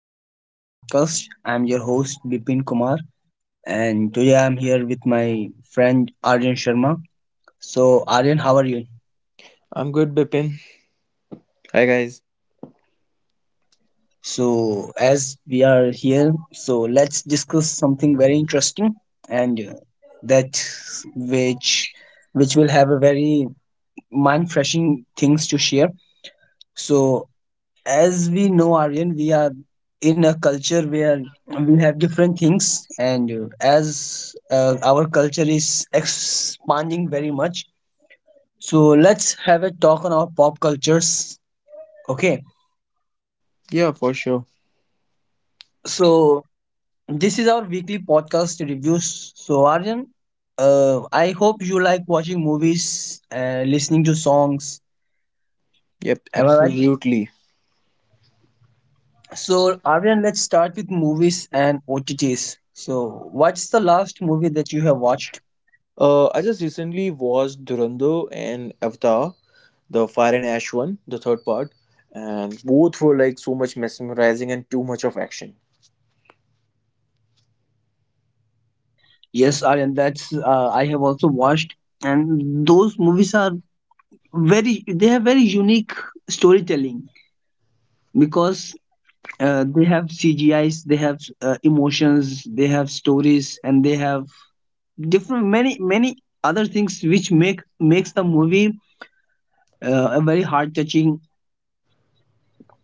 Welcome to my podcast. I'm your host Bipin Kumar, and today I'm here with my friend Aryan Sharma. So, Aryan, how are you? I'm good, Bipin. Hi, guys. So, as we are here, so let's discuss something very interesting, and that which which will have a very mind-freshing things to share. So, as we know aryan, we are in a culture where we have different things, and as our culture is expanding very much, so let's have a talk on our pop cultures, okay. Yeah, for sure. So this is our weekly podcast reviews. So aryan, I hope you like watching movies and listening to songs. Yep, Am I right? absolutely. So aryan, let's start with movies and otts. So what's the last movie that you have watched? I just recently watched Durando and Avatar, the Fire and Ash one, the third part, and both were like so much mesmerizing and too much of action. Yes, Aryan, that's I have also watched, and those movies are very, they have very unique storytelling, because they have CGIs, they have emotions, they have stories, and they have different many many other things which makes the movie a very heart touching.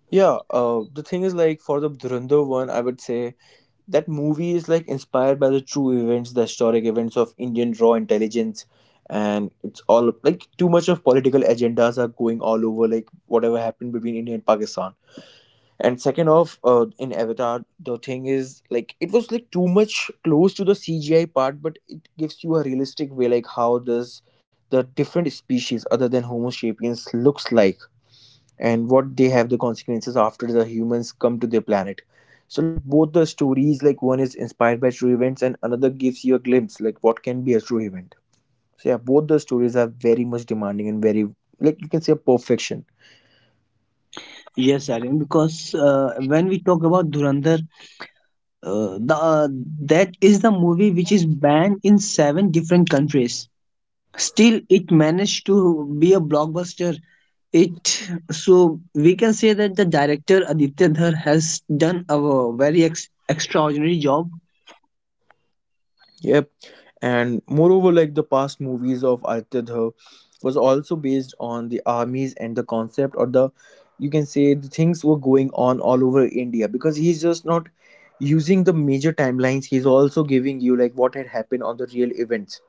Yeah, the thing is like for the Durando one, I would say that movie is like inspired by the true events, the historic events of Indian raw intelligence, and it's all like too much of political agendas are going all over, like whatever happened between India and Pakistan, and second off, in Avatar the thing is like it was like too much close to the CGI part, but it gives you a realistic way like how does the different species other than homo sapiens looks like, and what they have the consequences after the humans come to their planet. So like both the stories, like one is inspired by true events and another gives you a glimpse like what can be a true event. So yeah, both the stories are very much demanding and very, like you can say, perfection. Yes, Aryan, because when we talk about Dhurandhar, the that is the movie which is banned in seven different countries. Still, it managed to be a blockbuster. It so we can say that the director Aditya Dhar has done a very extraordinary job. Yeah, and moreover like the past movies of Altidha was also based on the armies and the concept, or the, you can say, the things were going on all over India, because he's just not using the major timelines, he's also giving you like what had happened on the real events,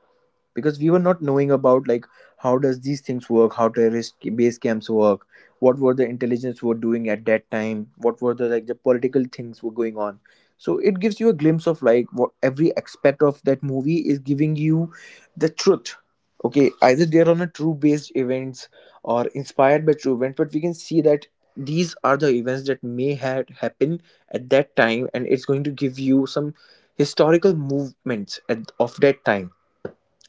because we were not knowing about like how does these things work, how terrorist base camps work, what were the intelligence were doing at that time, what were the, like the political things were going on. So it gives you a glimpse of like what every aspect of that movie is giving you the truth. Okay, either they're on a true based events or inspired by true events, but we can see that these are the events that may have happened at that time, and it's going to give you some historical movements at, of that time.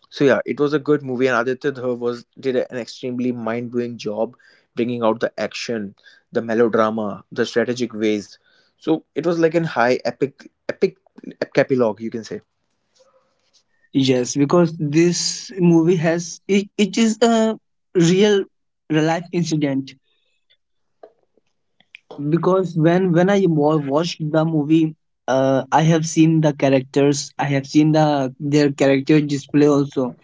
So yeah, it was a good movie, and Aditya Dhar was did an extremely mind-blowing job bringing out the action, the melodrama, the strategic ways. So it was like an high epic, epic epilogue, you can say. Yes, because this movie has it, it is a real real life incident. Because when I watched the movie, I have seen the characters, I have seen the their character display also,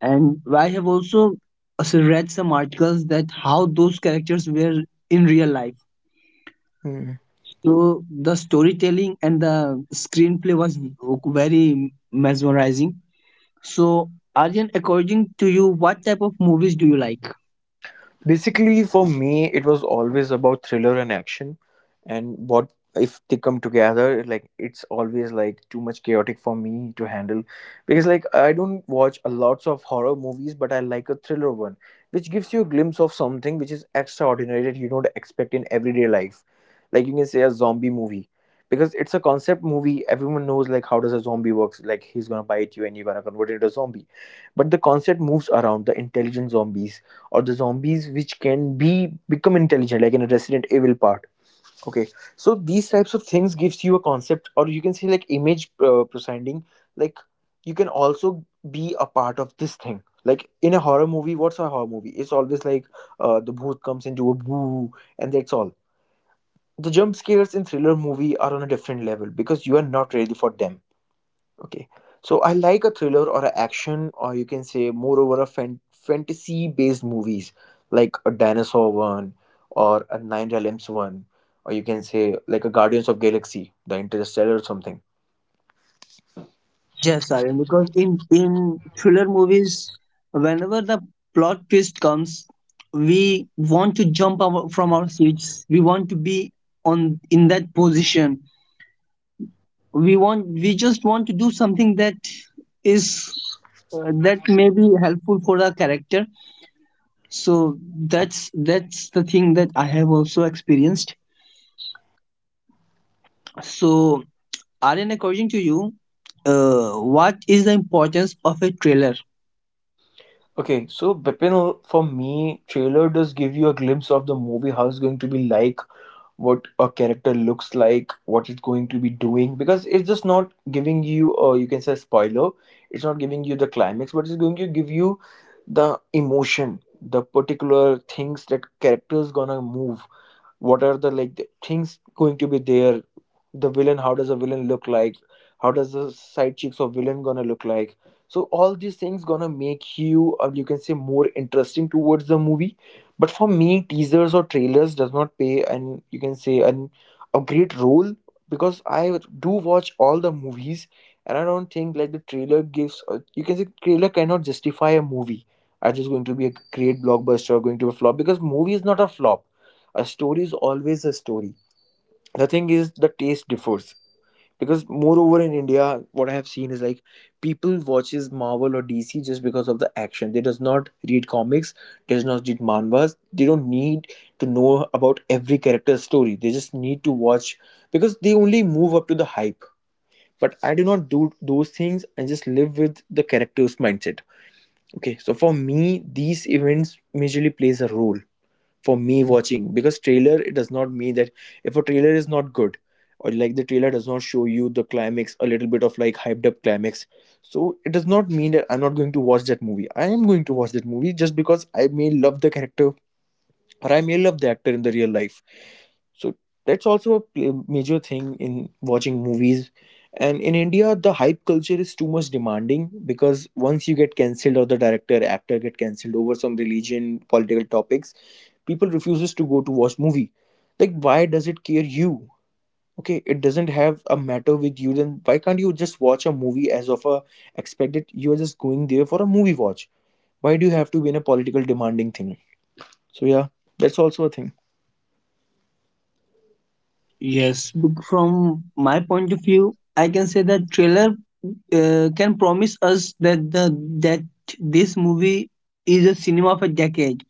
and I have also read some articles that how those characters were in real life. Mhm. So the storytelling and the screenplay was very mesmerizing. So Arjun, according to you, what type of movies do you like? Basically, for me, it was always about thriller and action, and what if they come together? Like it's always like too much chaotic for me to handle, because like I don't watch a lots of horror movies, but I like a thriller one, which gives you a glimpse of something which is extraordinary that you don't expect in everyday life. Like you can say a zombie movie, because it's a concept movie. Everyone knows like how does a zombie works. Like he's gonna bite you and you're gonna convert into a zombie, but the concept moves around the intelligent zombies or the zombies which can be become intelligent, like in a Resident Evil part. Okay, so these types of things gives you a concept, or you can say like image proceeding, like you can also be a part of this thing. Like in a horror movie, what's a horror movie? It's always like the booth comes into a boo and that's all. The jump scares in thriller movie are on a different level because you are not ready for them. Okay. So I like a thriller or an action, or you can say moreover a fantasy based movies, like a dinosaur one or a Nine Realms one, or you can say like a Guardians of Galaxy, the Interstellar or something. Yes, Arjun, because in thriller movies, whenever the plot twist comes, we want to jump our, from our seats. We want to be on in that position, we just want to do something that is that may be helpful for our character. So that's the thing that I have also experienced. So aryan, according to you, what is the importance of a trailer? Okay, so Bipin, for me, trailer does give you a glimpse of the movie, how it's going to be like, what a character looks like, what it's going to be doing, because it's just not giving you, you can say, spoiler. It's not giving you the climax, but it's going to give you the emotion, the particular things that character is gonna move, what are the, like the things going to be there, the villain, how does a villain look like, how does the side chicks of villain gonna look like. So all these things gonna make you, or you can say, more interesting towards the movie. But for me, teasers or trailers does not pay and, you can say, an a great role, because I do watch all the movies, and I don't think like the trailer gives a, you can say, trailer cannot justify a movie are just going to be a great blockbuster or going to be a flop, because movie is not a flop, a story is always a story. The thing is the taste differs, because moreover in India, what I have seen is like people watches Marvel or DC just because of the action. They does not read comics, does not read manhwas, they don't need to know about every character's story. They just need to watch because they only move up to the hype. But I do not do those things and just live with the character's mindset. Okay, so for me these events majorly plays a role for me watching, because trailer, it does not mean that if a trailer is not good, or like the trailer does not show you the climax a little bit of like hyped up climax, so it does not mean that I'm not going to watch that movie. I am going to watch that movie just because I may love the character, or I may love the actor in the real life. So that's also a major thing in watching movies. And in India, the hype culture is too much demanding, because once you get cancelled, or the director actor get cancelled over some religion political topics, people refuses to go to watch movie. Like, why does it care you? Okay, it doesn't have a matter with you, then why can't you just watch a movie as of a expected? You are just going there for a movie watch. Why do you have to be in a political demanding thing? So yeah, that's also a thing. Yes, from my point of view I can say that trailer can promise us that the that this movie is a cinema of a decade,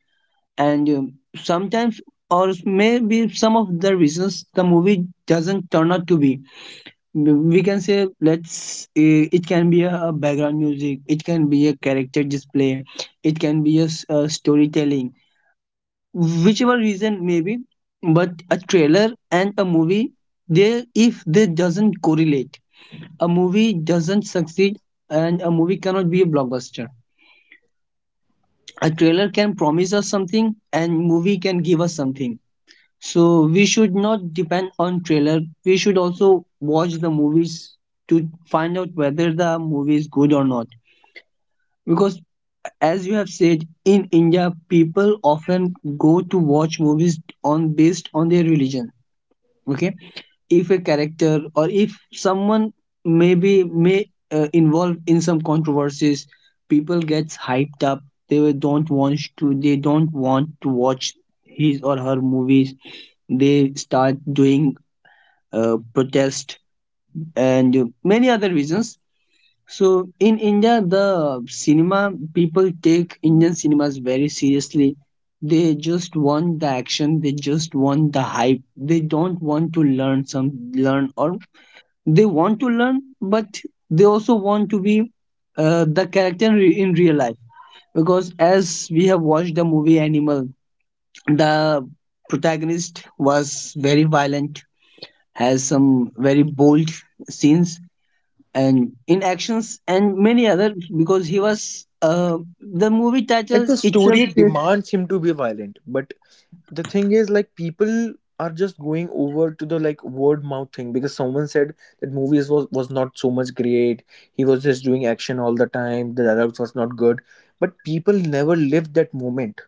and sometimes or maybe some of the reasons the movie doesn't turn out to be, we can say, let's it can be a background music, it can be a character display, it can be a storytelling, whichever reason maybe, but a trailer and a movie, they, if they doesn't correlate, a movie doesn't succeed, and a movie cannot be a blockbuster. A trailer can promise us something and movie can give us something. So we should not depend on trailer. We should also watch the movies to find out whether the movie is good or not. Because, as you have said, in India, people often go to watch movies on based on their religion. Okay, if a character or if someone maybe may involve in some controversies, people gets hyped up. They will- don't want to. They don't want to watch his or her movies. They start doing protest, and many other reasons. So in India, the cinema people take Indian cinemas very seriously. They just want the action. They just want the hype. They don't want to learn some learn, or they want to learn, but they also want to be the character in real life. Because as we have watched the movie Animal, the protagonist was very violent, has some very bold scenes and in actions and many other, because he was the movie Like, title the itself story says. demands him to be violent, but the thing is like people are just going over to the like word mouth thing, because someone said that movies was not so much great, he was just doing action all the time, the dialogues was not good. But people never lived that moment.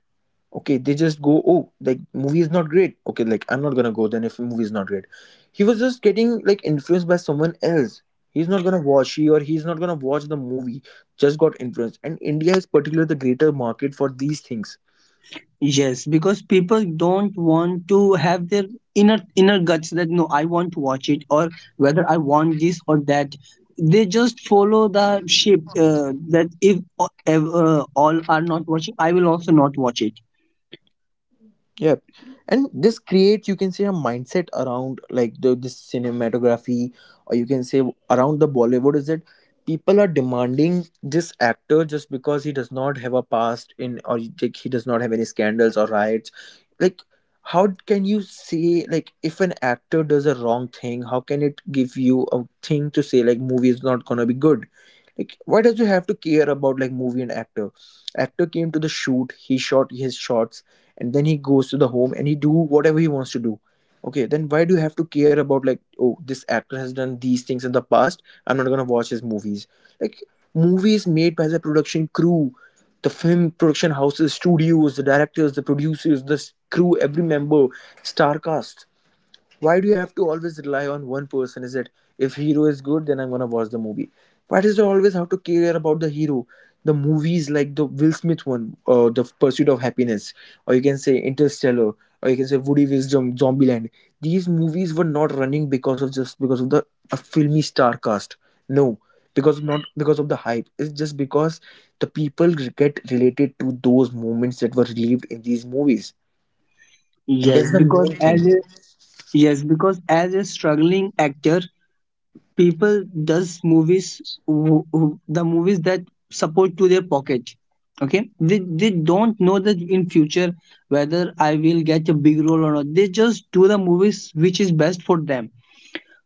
Okay, they just go, oh, like movie is not great, okay, like I'm not gonna go then. If movie is not great, he was just getting like influenced by someone else, he's not gonna watch. He's not gonna watch the movie, just got influenced, and India is particularly the greater market for these things. Yes, because people don't want to have their inner guts that no, I want to watch it, or whether I want this or that. They just follow the ship, that if all are not watching, I will also not watch it. Yep. And this creates, you can say, a mindset around like the this cinematography, or you can say around the Bollywood, is that people are demanding this actor just because he does not have a past in, or like he does not have any scandals or riots. Like, how can you say like if an actor does a wrong thing, how can it give you a thing to say like movie is not gonna be good? Like, why does you have to care about like movie and actor? Actor came to the shoot, he shot his shots, and then he goes to the home and he do whatever he wants to do. Okay, then why do you have to care about like, oh, this actor has done these things in the past, I'm not gonna watch his movies. Like, movies made by the production crew, the film production houses, studios, the directors, the producers, the crew, every member, star cast, why do you have to always rely on one person? Is it if hero is good, then I'm gonna watch the movie? Why does it always have to care about the hero? The movies like the Will Smith one, The Pursuit of Happiness, or you can say Interstellar, or you can say Woody Wisdom Zombieland, these movies were not running because of, just because of the a filmy star cast. No, because not because of the hype, it's just because the people get related to those moments that were relieved in these movies, and yes that's the because main thing. as a yes, because as a struggling actor, people does movies the movies that support to their pocket, okay. They don't know that in future whether I will get a big role or not. They just do the movies which is best for them.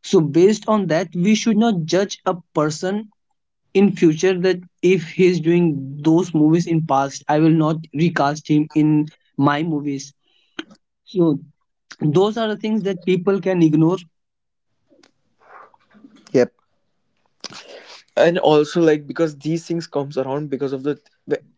So based on that we should not judge a person in future, that if he is doing those movies in past, I will not recast him in my movies. So those are the things that people can ignore. Yep. And also, like, because these things comes around because of the,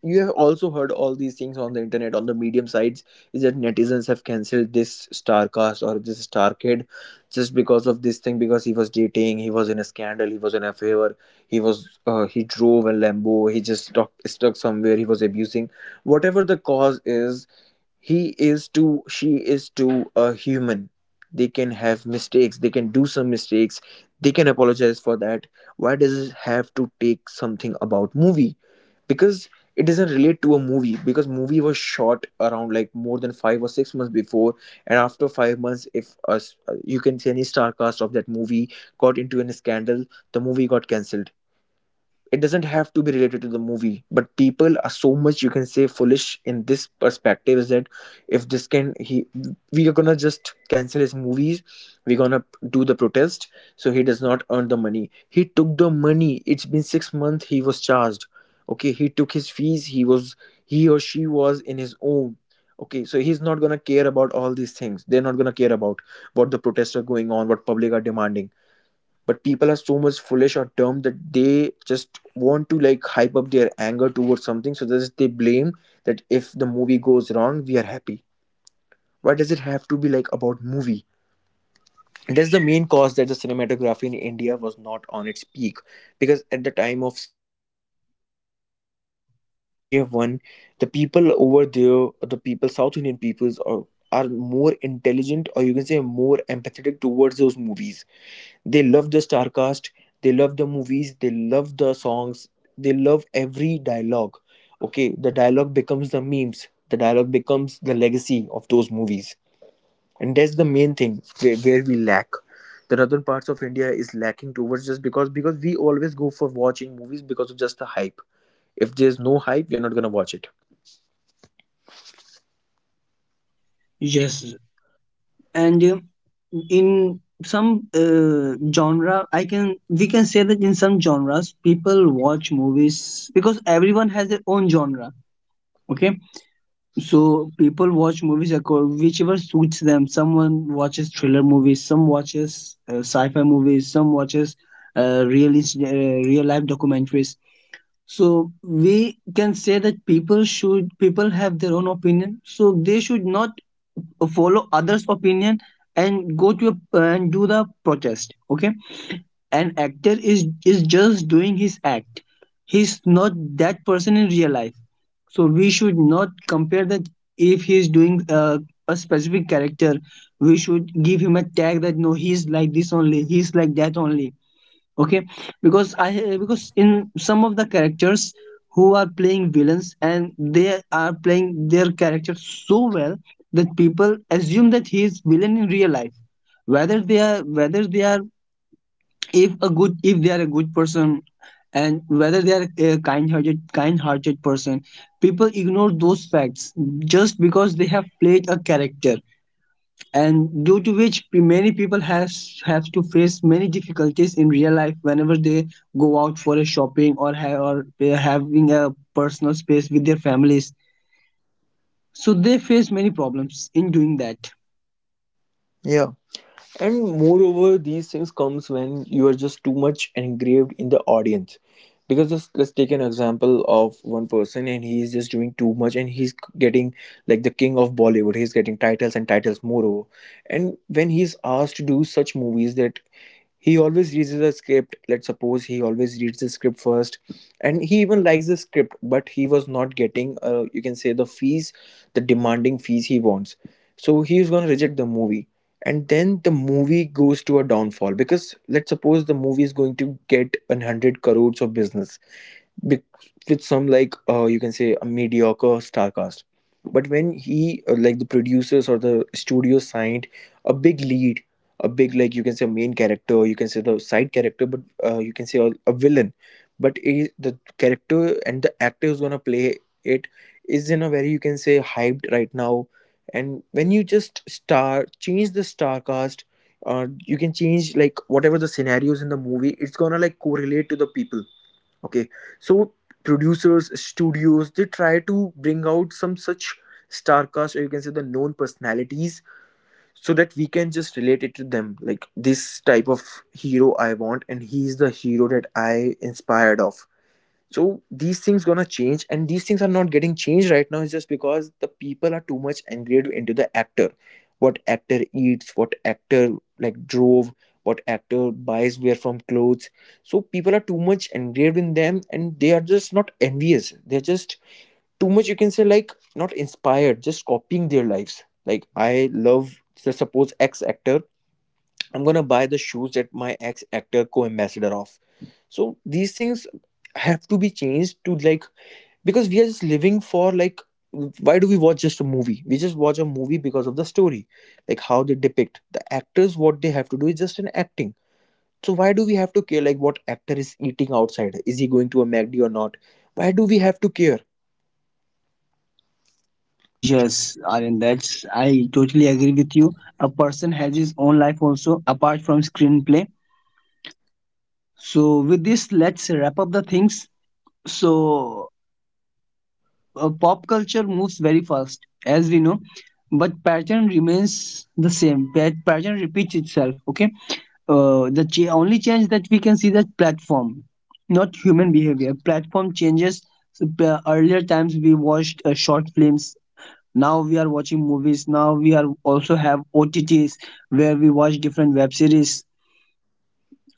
you have also heard all these things on the internet, on the medium sites, is that netizens have cancelled this starcast or this star kid just because of this thing, because he was dating, he was in a scandal, he was in a favor, he was he drove a lambo, he just stuck somewhere, he was abusing, whatever the cause is. He is too, she is too a human. They can have mistakes, they can do some mistakes, they can apologize for that. Why does it have to take something about movie? Because it doesn't relate to a movie, because movie was shot around like more than 5 or 6 months before, and after 5 months, if us, you can say, any star cast of that movie got into any scandal, the movie got cancelled. It doesn't have to be related to the movie, but people are so much, you can say, foolish in this perspective, is that if this can he, we are gonna just cancel his movies, we're gonna do the protest, so he does not earn the money. He took the money, it's been 6 months, he was charged. Okay, he took his fees, he was, he or she was in his own. Okay, so he's not gonna care about all these things, they're not gonna care about what the protests are going on, what public are demanding. But people are so much foolish or dumb that they just want to, like, hype up their anger towards something, so that they blame that if the movie goes wrong, we are happy. Why does it have to be like about movie? It is the main cause that the cinematography in India was not on its peak, because at the time of South Indian movies, you can say Bahubali or the KGF one, the people over there, the people, South Indian peoples are more intelligent, or you can say more empathetic towards those movies. They love the star cast, they love the movies, they love the songs, they love every dialogue. Okay, the dialogue becomes the memes, the dialogue becomes the legacy of those movies, and that's the main thing where we lack. The northern parts of India is lacking towards, just because we always go for watching movies because of just the hype. If there's no hype, we're not gonna watch it. Yes, and in some genre, I can, we can say that in some genres people watch movies because everyone has their own genre, okay. So people watch movies according whichever suits them. Someone watches thriller movies, some watches sci-fi movies, some watches real life documentaries. So we can say that people should, people have their own opinion, so they should not follow others opinion and go to a, and do the protest, okay. An actor is just doing his act. He's not that person in real life. So we should not compare that if he's doing a specific character, we should give him a tag that no, he's like this only, he's like that only, okay. Because I, because in some of the characters who are playing villains and they are playing their character so well that people assume that he is villain in real life. Whether they are, whether they are, if a good, if they are a good person, and whether they are a kind-hearted person, people ignore those facts just because they have played a character. And due to which many people has have to face many difficulties in real life, whenever they go out for a shopping or they are having a personal space with their families, so they face many problems in doing that. Yeah. And moreover, these things comes when you are just too much engraved in the audience, because just, let's take an example of one person, and he is just doing too much, and he's getting like the king of Bollywood, he's getting titles and titles moreover. And when he's asked to do such movies, that he always reads the script, let's suppose, he always reads the script first, and he even likes the script, but he was not getting, you can say, the fees, the demanding fees he wants, so he is going to reject the movie. And then the movie goes to a downfall, because let's suppose the movie is going to get an 100 crores of business, be- with some like, you can say, a mediocre star cast. But when he, like, the producers or the studio signed a big lead, a big, like, you can say a main character, or you can say the side character, but, you can say a villain. But he, the character and the actor who's gonna play it, is in a very, you can say, hyped right now. And when you just star change the star cast, you can change, like, whatever the scenarios in the movie, it's gonna like correlate to the people. Okay, so producers, studios, they try to bring out some such star cast, or you can say the known personalities, so that we can just relate it to them, like this type of hero I want, and he is the hero that I inspired of. So these things gonna change, and these things are not getting changed right now. It's just because the people are too much engraved into the actor, what actor eats, what actor, like, drove, what actor buys where from clothes. So people are too much engraved in them, and they are just not envious, they're just too much, you can say, like, not inspired, just copying their lives, like, I love, so suppose X actor, I'm gonna buy the shoes that my ex actor co ambassador of. So these things have to be changed to, like, because we are just living for, like, why do we watch just a movie? We just watch a movie because of the story, like how they depict the actors. What they have to do is just an acting. So why do we have to care, like, what actor is eating outside? Is he going to a MACD or not? Why do we have to care? Yes aryan, that's, I totally agree with you. A person has his own life also apart from screenplay. So with this, let's wrap up the things. So pop culture moves very fast, as we know, but pattern remains the same. Pattern repeats itself. Okay, only change that we can see that platform, not human behavior. Platform changes. So, earlier times we watched short films. Now we are watching movies. Now we are also have OTTs where we watch different web series.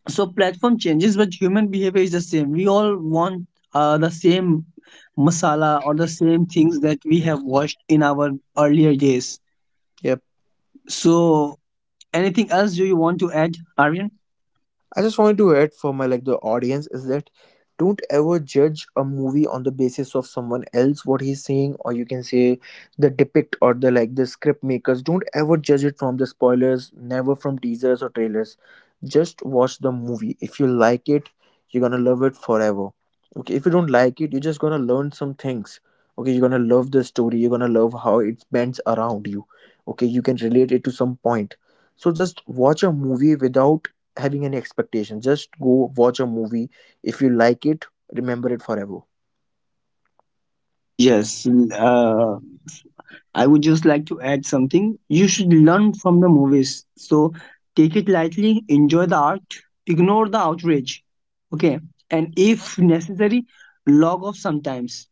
So platform changes but human behavior is the same. We all want the same masala or the same things that we have watched in our earlier days. Yep. So anything else do you want to add aryan? I just wanted to add for my, like, the audience is that, don't ever judge a movie on the basis of someone else, what he's saying, or you can say the depict, or the, like, the script makers. Don't ever judge it from the spoilers, never from teasers or trailers. Just watch the movie, if you like it, you're gonna love it forever. Okay, if you don't like it, you're just gonna learn some things. Okay, you're gonna love the story, you're gonna love how it bends around you. Okay, you can relate it to some point. So just watch a movie without having any expectation. Just go watch a movie, if you like it, remember it forever. Yes, uh, I would just like to add something. You should learn from the movies. So take it lightly, enjoy the art, ignore the outrage. Okay, and if necessary, log off sometimes.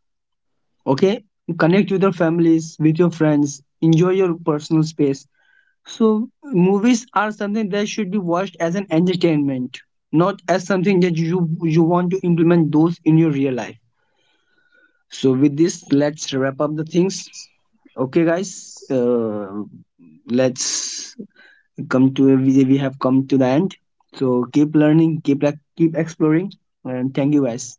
Okay, connect with your families, with your friends, enjoy your personal space. So movies are something that should be watched as an entertainment, not as something that you want to implement those in your real life. So with this, let's wrap up the things. Okay guys, uh, let's come to, we have come to the end. So keep learning, keep, keep exploring, and thank you guys.